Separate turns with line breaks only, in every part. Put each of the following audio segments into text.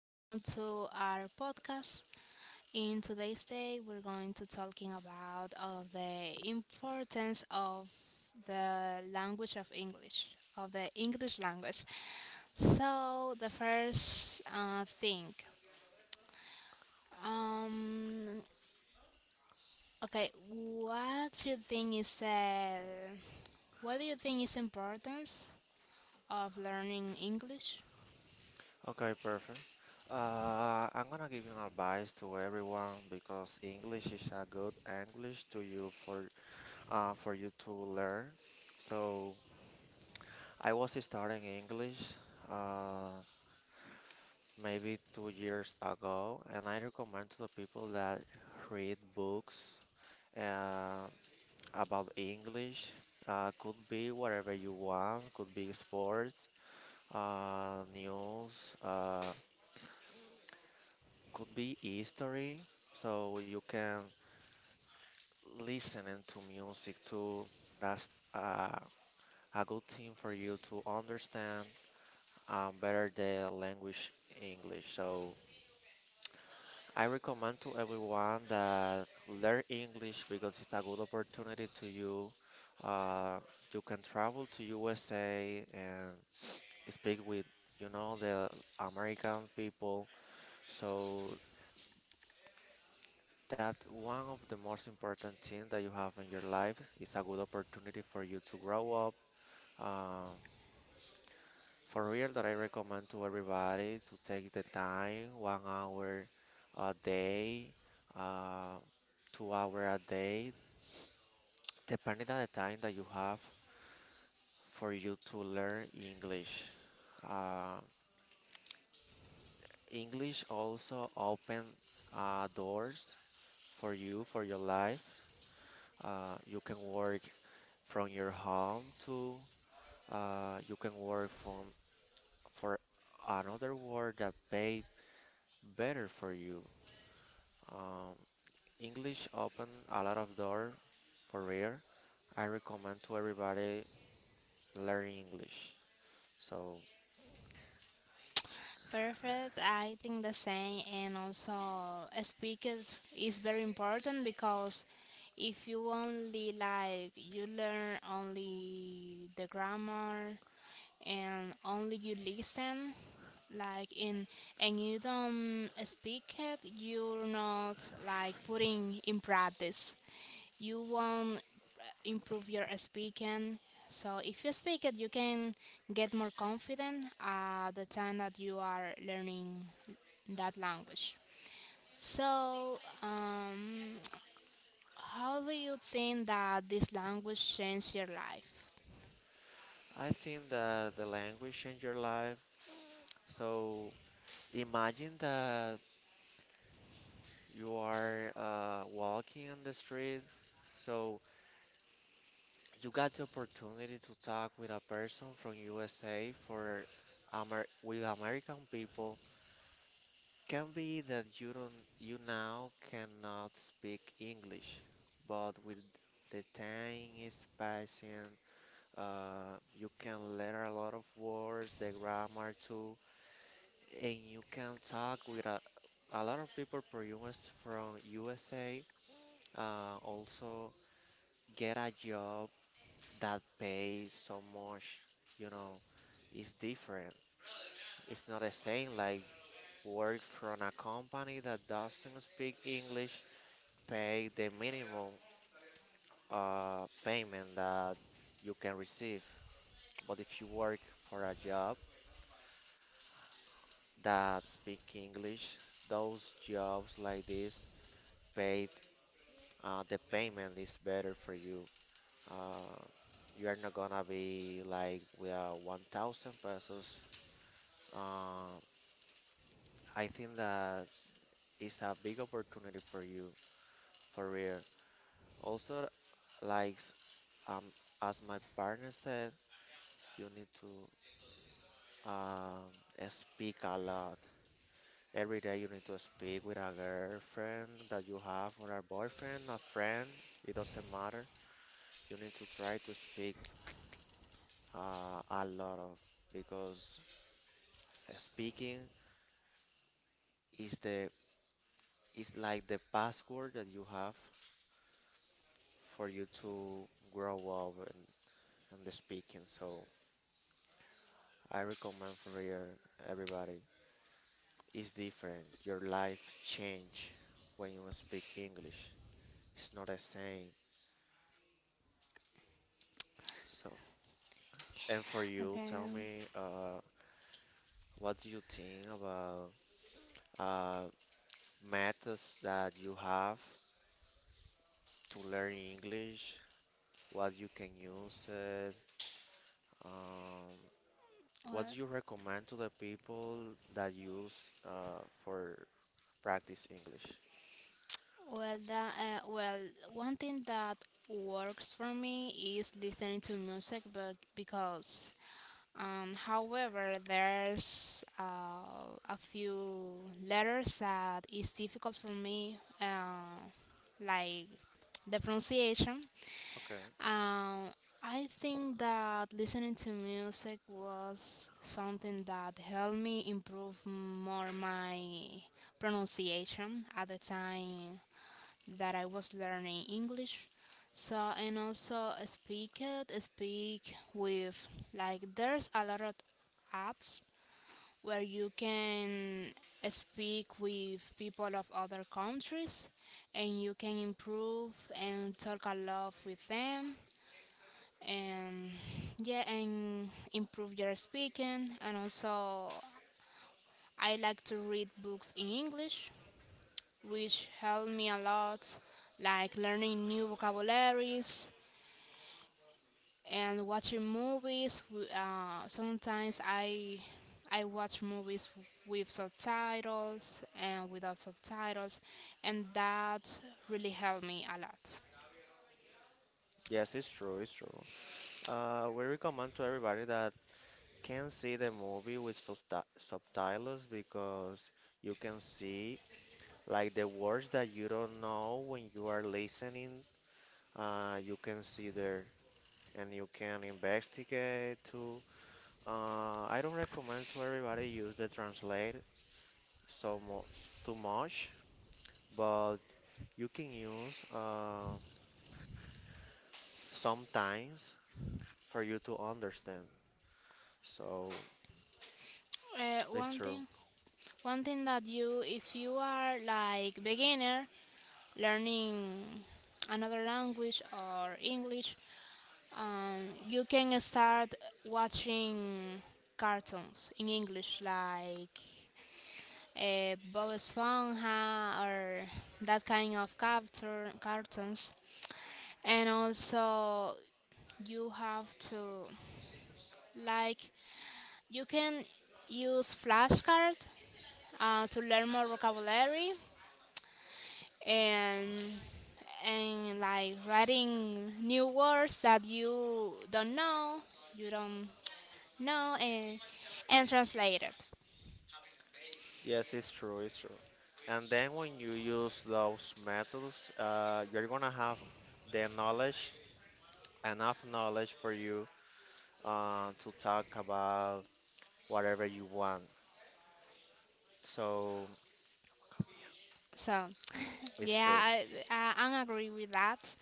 Welcome to our podcast. In today's day, we're going to talking about of the importance of the language of English, of the English language. So the first thing, um, okay, what do you think is the what do you think is importance of learning English?
Okay, perfect. I'm gonna give you an advice to everyone because English is a good English to you for you to learn. So I was starting English. Uh, Maybe 2 years ago, and I recommend to the people that read books uh, about English. Could be whatever you want, could be sports, news, could be history. So you can listening to music too. That's uh, a good thing for you to understand better the language English. So I recommend to everyone that learn English because it's a good opportunity to you. Uh, you can travel to USA and speak with, the American people. So that one of the most important thing that you have in your life is a good opportunity for you to grow up. Um, for real, that I recommend to everybody to take the time, 1 hour a day. Uh, 2 hour a day depending on the time that you have for you to learn English, uh, English also open doors for you for your life. You can work from your home too. Uh, you can work from for another work that pay better for you. Um, English open a lot of door for real. I recommend to everybody learn English. So
Perfect. I think the same, and also a speaker is very important because if you only like you learn only the grammar and only you listen, like in and you don't speak it, you're not like putting in practice you won't improve your speaking. So if you speak it, you can get more confident at the time that you are learning that language. So, how do you think that this language changed your life?
I think that the language changed your life. So imagine that you are walking on the street. So you got the opportunity to talk with a person from USA for Amer with American people. Can be that you don't you now cannot speak English, but with the time is passing, you can learn a lot of words, the grammar too. And you can talk with a lot of people from US from USA. Also, get a job that pays so much, you know, it's different. It's not the same like work from a company that doesn't speak English, pay the minimum payment that you can receive. But if you work for a job that speak English, those jobs like this pay the payment is better for you. Uh, you are not gonna be like with 1,000 pesos. Uh, I think that is a big opportunity for you, for real. Also, like s- um, as my partner said, you need to um, speak a lot. Every day you need to speak with a girlfriend that you have or a boyfriend, a friend. It doesn't matter. You need to try to speak a lot of because speaking is the is like the password that you have for you to grow up and the speaking. So I recommend for your, everybody. It's different. Your life change when you speak English. It's not the same. So and for you, tell
Okay.
me, what do you think about uh, methods that you have to learn English? What you can use it? Um, What do
Well,
you recommend to the people that use for practice English?
well, one thing that works for me is listening to music, but because however, there's a few letters that is difficult for me, like the pronunciation.
Okay.
Um, I think that listening to music was something that helped me improve more my pronunciation at the time that I was learning English. So and also speak with like there's a lot of apps where you can speak with people of other countries and you can improve and talk a lot with them and yeah and improve your speaking and also I like to read books in English which helped me a lot, like learning new vocabularies and watching movies. Sometimes I watch movies with subtitles and without subtitles, and that really helped me a lot.
Yes, it's true, it's true. We recommend to everybody that can see the movie with subtitles because you can see like the words that you don't know when you are listening. You can see there and you can investigate too. I don't recommend to everybody use the translate so much too much, but you can use sometimes for you to understand. So
Uh,
it's
one
true.
thing, One thing that you, if you are like beginner learning another language or English, you can start watching cartoons in English, like Bob Esponja or that kind of cartoons, and also you have to like you can use flashcard to learn more vocabulary and and like writing new words that you don't know you don't no and and translated
Yes, it's true. It's true. And then when you use those methods, you're gonna have the knowledge, enough knowledge for you to talk about whatever you want. So
so
it's
yeah
true.
I agree with that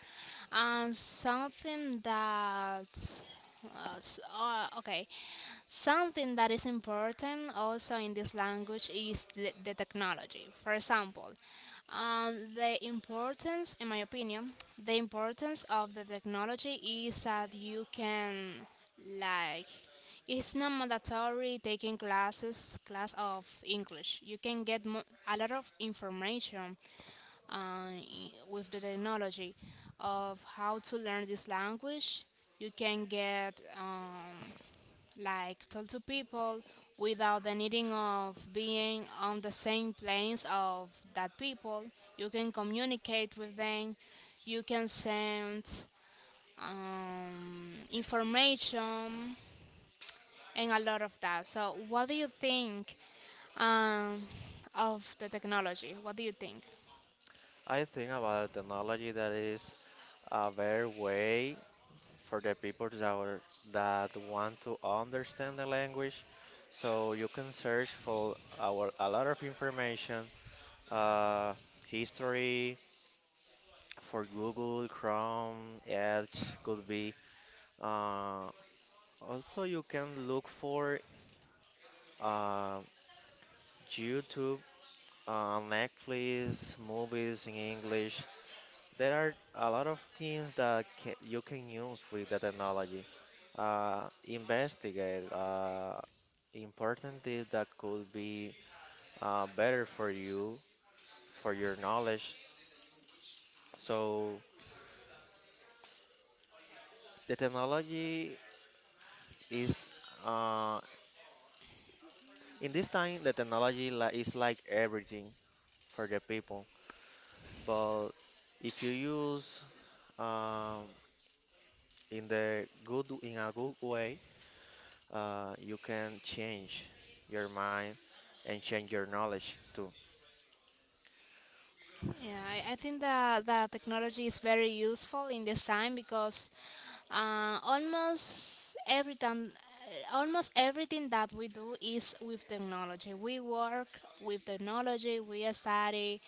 and something that okay something that is important also in this language is the technology for example the importance in my opinion the importance of the technology is that you can like It's not mandatory taking classes, class of English. You can get a lot of information with the technology of how to learn this language. You can get like talk to people without the needing of being on the same planes of that people. You can communicate with them. You can send information and a lot of that. So, what do you think um, of the technology? What do you think?
I think about technology that is a better way for the people that, that want to understand the language. So you can search a lot of information, uh, history for Google, Chrome, Edge could be. Uh, also, you can look for uh, YouTube, Netflix, movies in English. There are a lot of things that ca you can use with the technology. Investigate important things that could be better for you, for your knowledge. So the technology is uh, in this time the technology li is like everything for the people. But if you use um, in the good in a good way you can change your mind and change your knowledge too.
Yeah, I think that that technology is very useful in this time because uh, almost every time, almost everything that we do is with technology. We work with technology. We study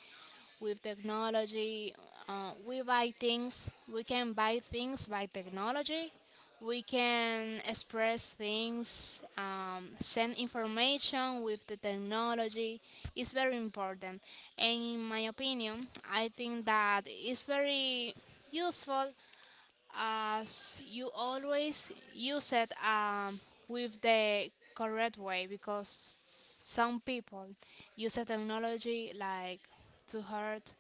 with technology. We we can buy things by technology. We can express things, send information with the technology. It's very important. And in my opinion, I think that it's very useful as you always use it with the correct way because some people use the technology like to hurt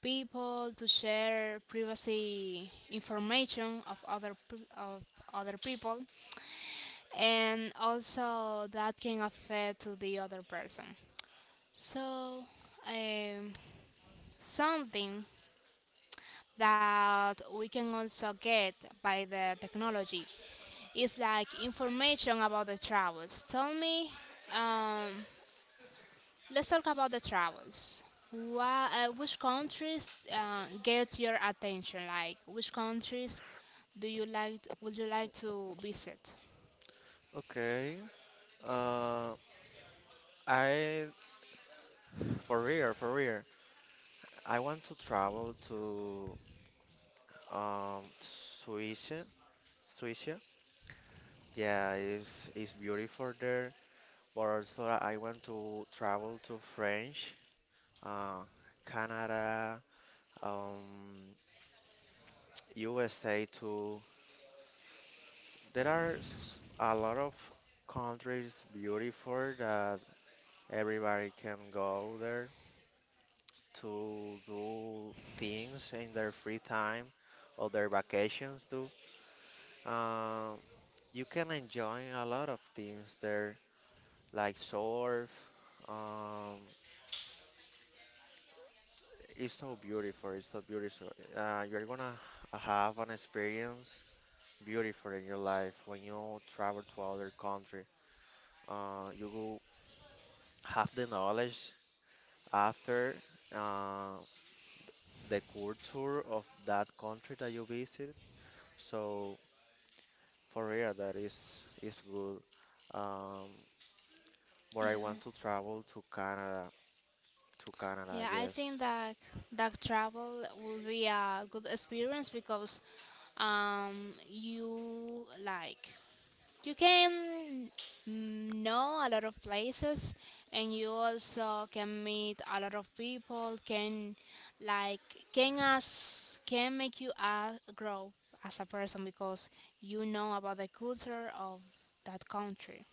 people to share privacy information of other people and also that can affect to the other person so um, something that we can also get by the technology is like information about the travels tell me um, let's talk about the travels. Why, which countries get your attention? Like, which countries do you like? Would you like to visit?
Okay. Uh, I for real, for real. I want to travel to Suiza, Suiza. Yeah, it's beautiful there. But also, I want to travel to French, uh, Canada, um, USA too. There are a lot of countries beautiful that everybody can go there to do things in their free time or their vacations too. Um, you can enjoy a lot of things there, like surf. Um, it's so beautiful. It's so beautiful. You're gonna have an experience beautiful in your life when you travel to other country. You will have the knowledge after uh, the culture of that country that you visit. So for real, that is good. Um, but
Yeah,
I want to travel to Canada. To Canada,
yeah. I
yes,
think that that travel will be a good experience because um, you like you can know a lot of places and you also can meet a lot of people can like can us can make you grow as a person because you know about the culture of that country.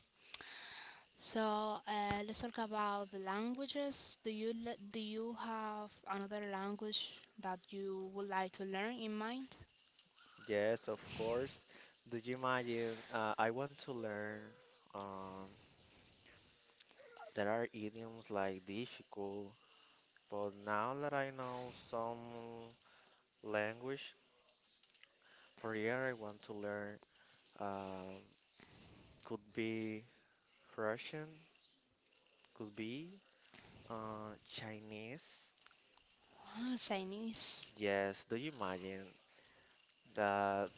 So let's talk about the languages. Do you have another language that you would like to learn in mind?
yes, of course. Do you imagine? I want to learn. Um, there are idioms like difficult, but now that I know some language, for real, I want to learn. Um, could be Russian, could be Chinese.
Ah, Chinese.
Yes, do you imagine? The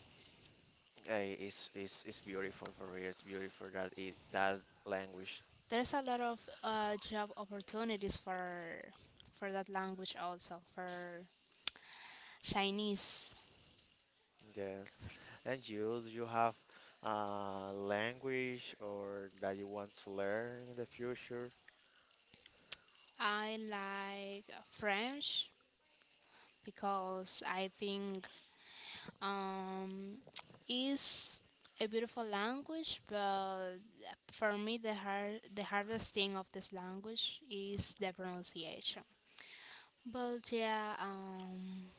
Hey, it's beautiful for real. It's beautiful that it that language.
There's a lot of job opportunities for that language also for Chinese.
Yes. And you, do you have a language or that you want to learn in the future?
I like French because I think um, is a beautiful language, but for me the hardest thing of this language is the pronunciation. But yeah,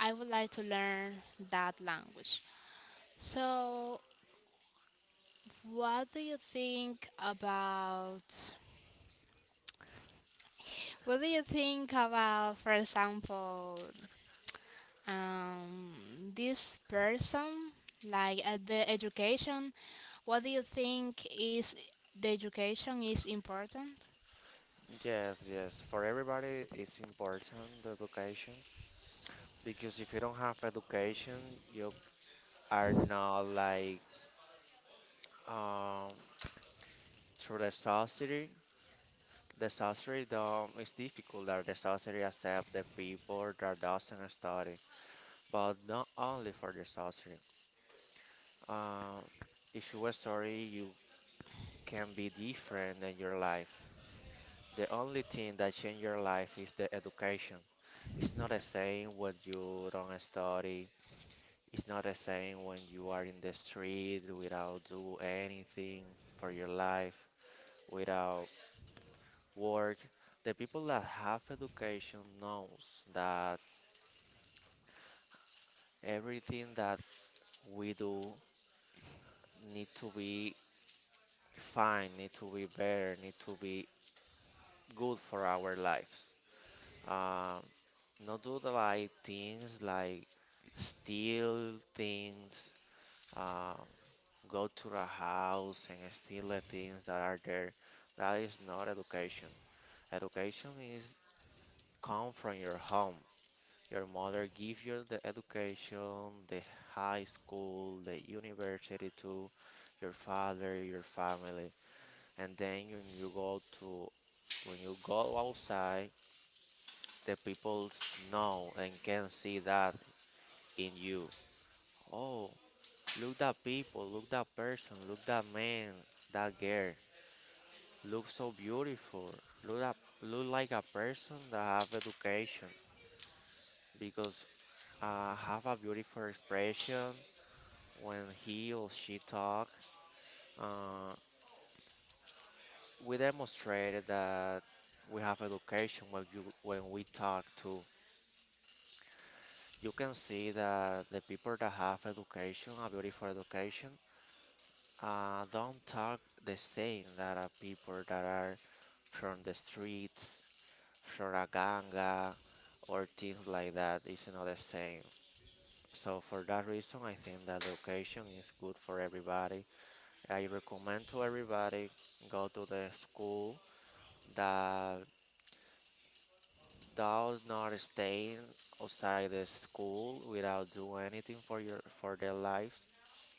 I would like to learn that language. So What do you think about what do you think about for example um this person like at the education what do you think is the education is important
Yes, yes. For everybody, it's important the education because if you don't have education, you are not like um through the society. It's difficult that the society accept the people that doesn't study but not only for the sauce. Uh, if you were sorry, you can be different in your life. The only thing that change your life is the education. It's not the same when you don't study. It's not the same when you are in the street without do anything for your life, without work. The people that have education knows that everything that we do need to be fine, need to be better, need to be good for our lives. Um, not do the, like things like steal things, um, go to the house and steal the things that are there. That is not education. Education is come from your home. Your mother give you the education, the high school, the university to your father, your family, and then when you go to when you go outside, the people know and can see that in you. Oh, look that people, look that person, look that man, that girl. Look so beautiful. Look that, look like a person that have education because have a beautiful expression when he or she talk. Uh, we demonstrated that we have education when you when we talk too. You can see that the people that have education, a beautiful education, uh, don't talk the same that are people that are from the streets, from a ganga, or things like that. It's not the same. So for that reason, I think that education is good for everybody. I recommend to everybody go to the school that does not stay outside the school without do anything for your for their lives.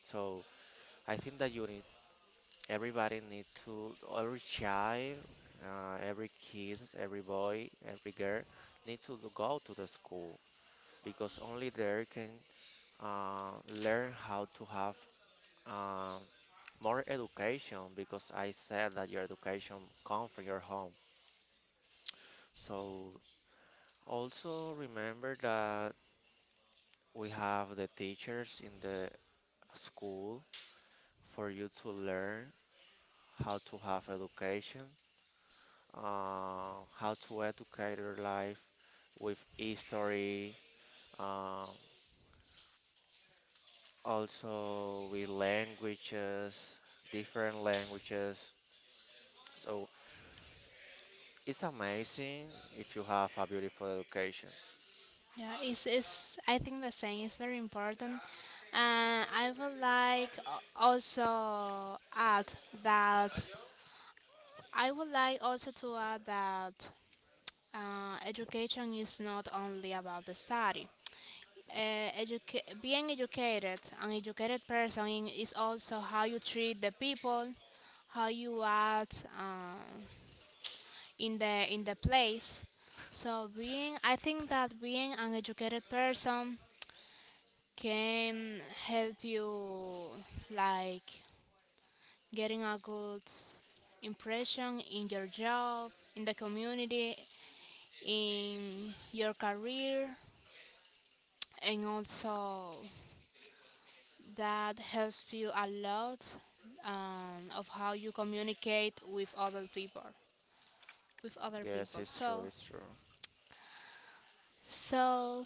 So I think that you everybody need to, every child, every kid, every boy, every girl need to go to the school because only there can learn how to have uh, more education because I said that your education come from your home. So also remember that we have the teachers in the school for you to learn how to have education how to educate their life with history, uh, also with languages, different languages. So it's amazing if you have a beautiful education.
yeah it's I think the same is very important and that I would like also to add that education is not only about the study. Being educated, an educated person is also how you treat the people, how you act in the place. So being, I think that being an educated person can help you like getting a good impression in your job, in the community, in your career, and also that helps you a lot of how you communicate with other people
Yes, it's true,
so
it's true.
so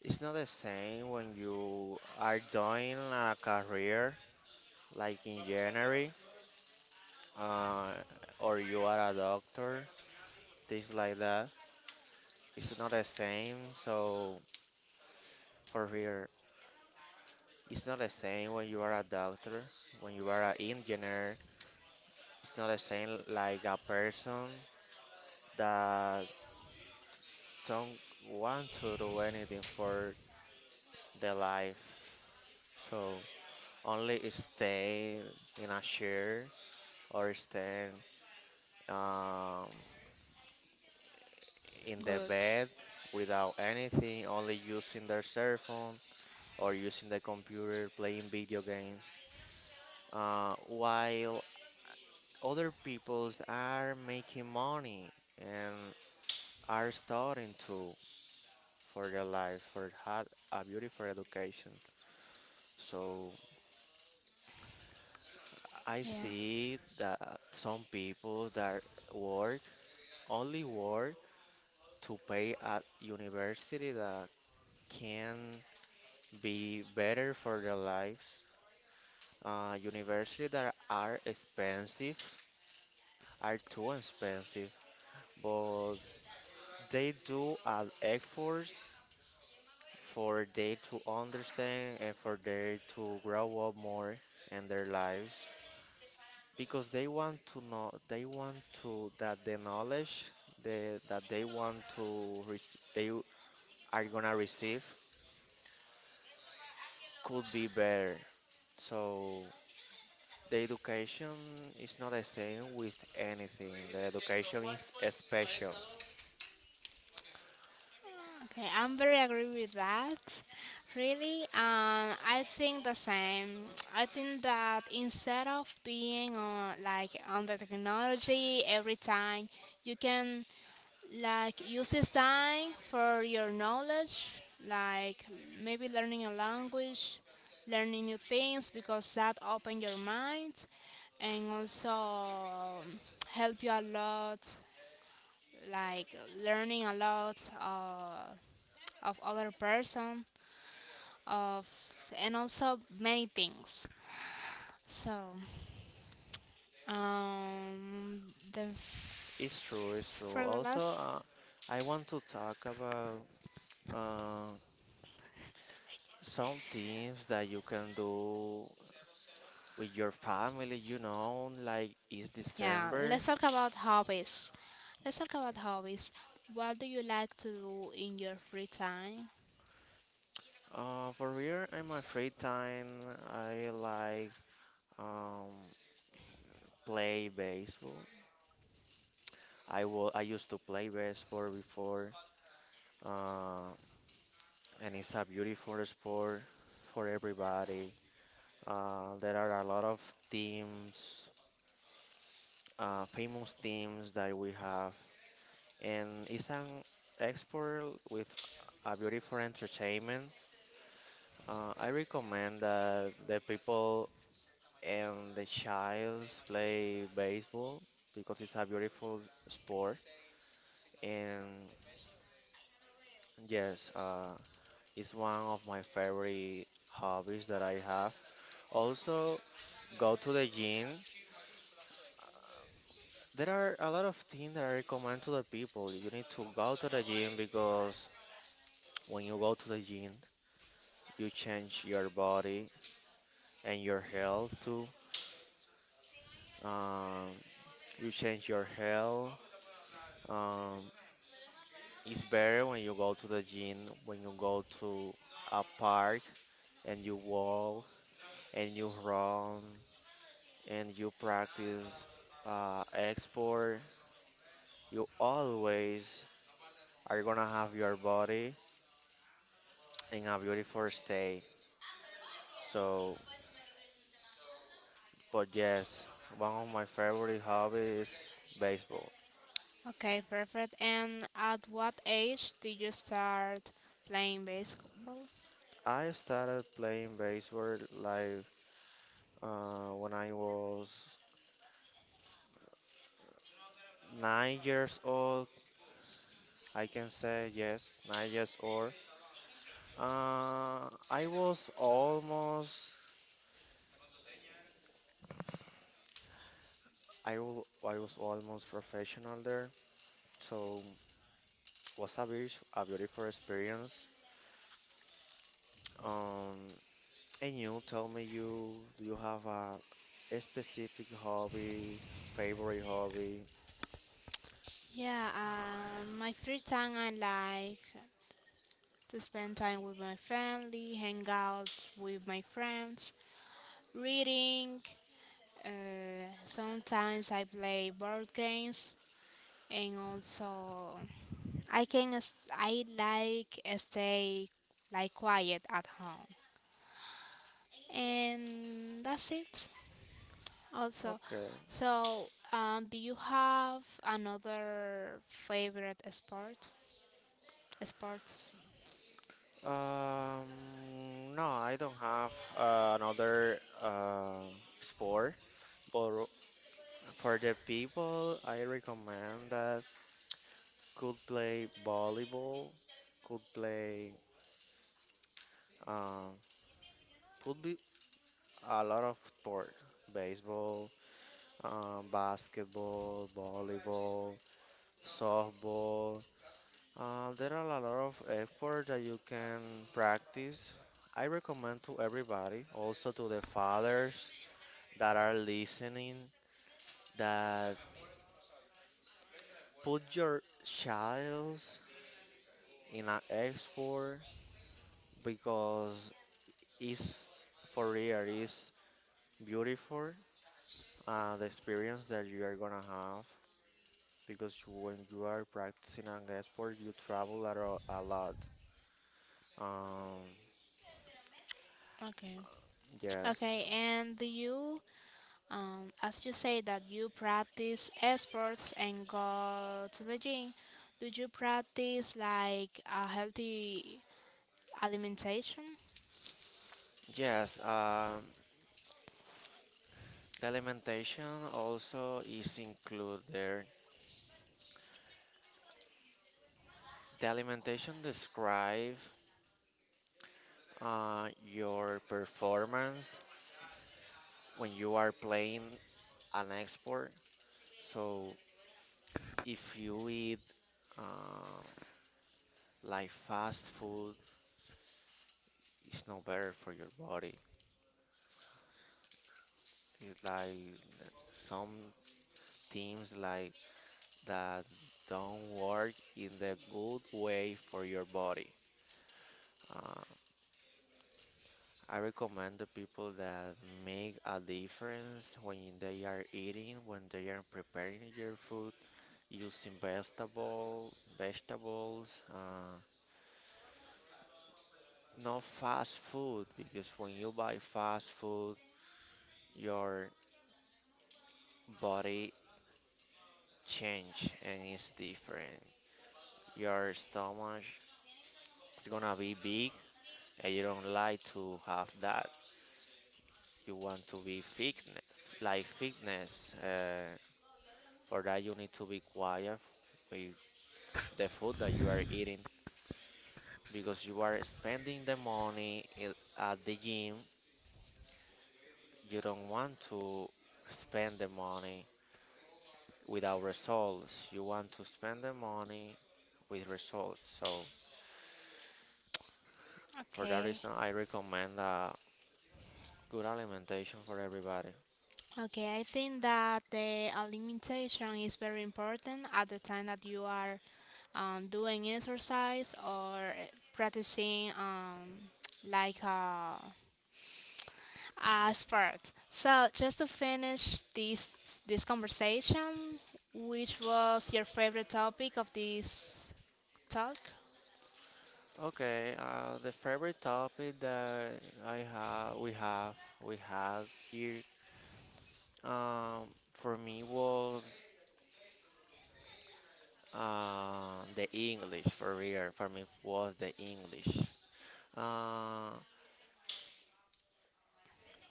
It's not the same when you are doing a career like engineering, uh, or you are a doctor, things like that. It's not the same. So for real, it's not the same when you are a doctor, when you are an engineer. It's not the same like a person that don't want to do anything for their life. So only stay in a chair or stay um, in the
good
bed without anything, only using their cell phone or using the computer, playing video games. While other peoples are making money and are starting to for their life for had a beautiful education. So I
yeah
see that some people that work only work to pay at university that can be better for their lives. University that are expensive are too expensive, but they do an effort for they to understand and for they to grow up more in their lives because they want to that the knowledge that they want to they are gonna receive could be better, so the education is not the same with anything. The education is special.
okay I'm very agree with that really. I think the same. I think that instead of being on like on the technology every time you can like uses time for your knowledge, like maybe learning a language, learning new things because that open your mind and also help you a lot, like learning a lot of other person of and also many things. So um, the
It's
f-
true, it's true.
for the
Also,
last
I want to talk about uh, some things that you can do with your family, you know, like it's
yeah,
December.
let's talk about hobbies. What do you like to do in your free time?
For real, in my free time, I like um, play baseball. I used to play baseball before, uh, and it's a beautiful sport for everybody. There are a lot of teams, famous teams that we have, and it's an export with a beautiful entertainment. I recommend that the people and the childs play baseball because it's a beautiful sport. And yes, it's one of my favorite hobbies that I have. Also, go to the gym. There are a lot of things that I recommend to the people. You need to go to the gym because when you go to the gym, you change your body and your health too. Um, you change your health. Um, It's better when you go to the gym, when you go to a park and you walk and you run and you practice export. You always are gonna have your body in a beautiful state. So, but yes, one of my favorite hobbies is baseball.
Okay, perfect. And at what age did you start playing basketball?
I started playing baseball like when I was 9 years old. I can say yes, 9 years old. Uh, I was almost I was almost professional there, so was a beautiful experience. Um, and you tell me you have a specific hobby, favorite hobby?
Yeah, my free time I like to spend time with my family, hang out with my friends, reading. Sometimes I play board games and also I like stay like quiet at home, and that's it. Also,
Okay.
so do you have another favorite sport? Sports.
Um, no, I don't have another sport, but for the people, I recommend that. Could play volleyball, could play, um, could be a lot of sports, baseball, basketball, volleyball, softball. There are a lot of efforts that you can practice. I recommend to everybody, also to the fathers that are listening, that put your childs in an export because it's, for real, it's beautiful, the experience that you are gonna have because when you are practicing an sport, you travel a lot. Um,
Okay.
yes,
Okay. And do you, as you say that you practice sports and go to the gym, do you practice like a healthy alimentation?
yes. The alimentation also is included there. The alimentation describe your performance when you are playing an export. So if you eat uh, like fast food, it's not better for your body. It's like some things like that don't work in the good way for your body. Uh, I recommend the people that make a difference when they are eating, when they are preparing your food, using vegetables, not fast food, because when you buy fast food, your body change and it's different. Your stomach is gonna be big, and you don't like to have that. You want to be fitness, like fitness. For that, you need to be quiet with the food that you are eating because you are spending the money at the gym. You don't want to spend the money without results. You want to spend the money with results. So for that
Okay.
reason, I recommend good alimentation for everybody.
Okay, I think that the alimentation is very important at the time that you are doing exercise or practicing like uh, a sport. So just to finish this conversation, which was your favorite topic of this talk?
Okay, the favorite topic that we have, we had here. Um, for me was the English, for real. For me was the English. Uh,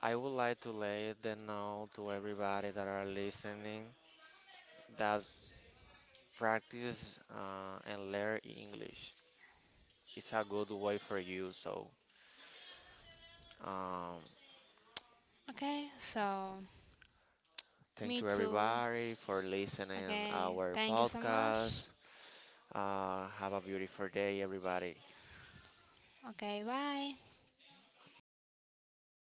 I would like to let them know to everybody that are listening that practice and learn English. It's a good way for you. So, um,
Okay, so
thank
me
you
too.
everybody for listening
Okay,
our
thank you so much.
podcast. Have a beautiful day, everybody.
Okay, bye.
Bye.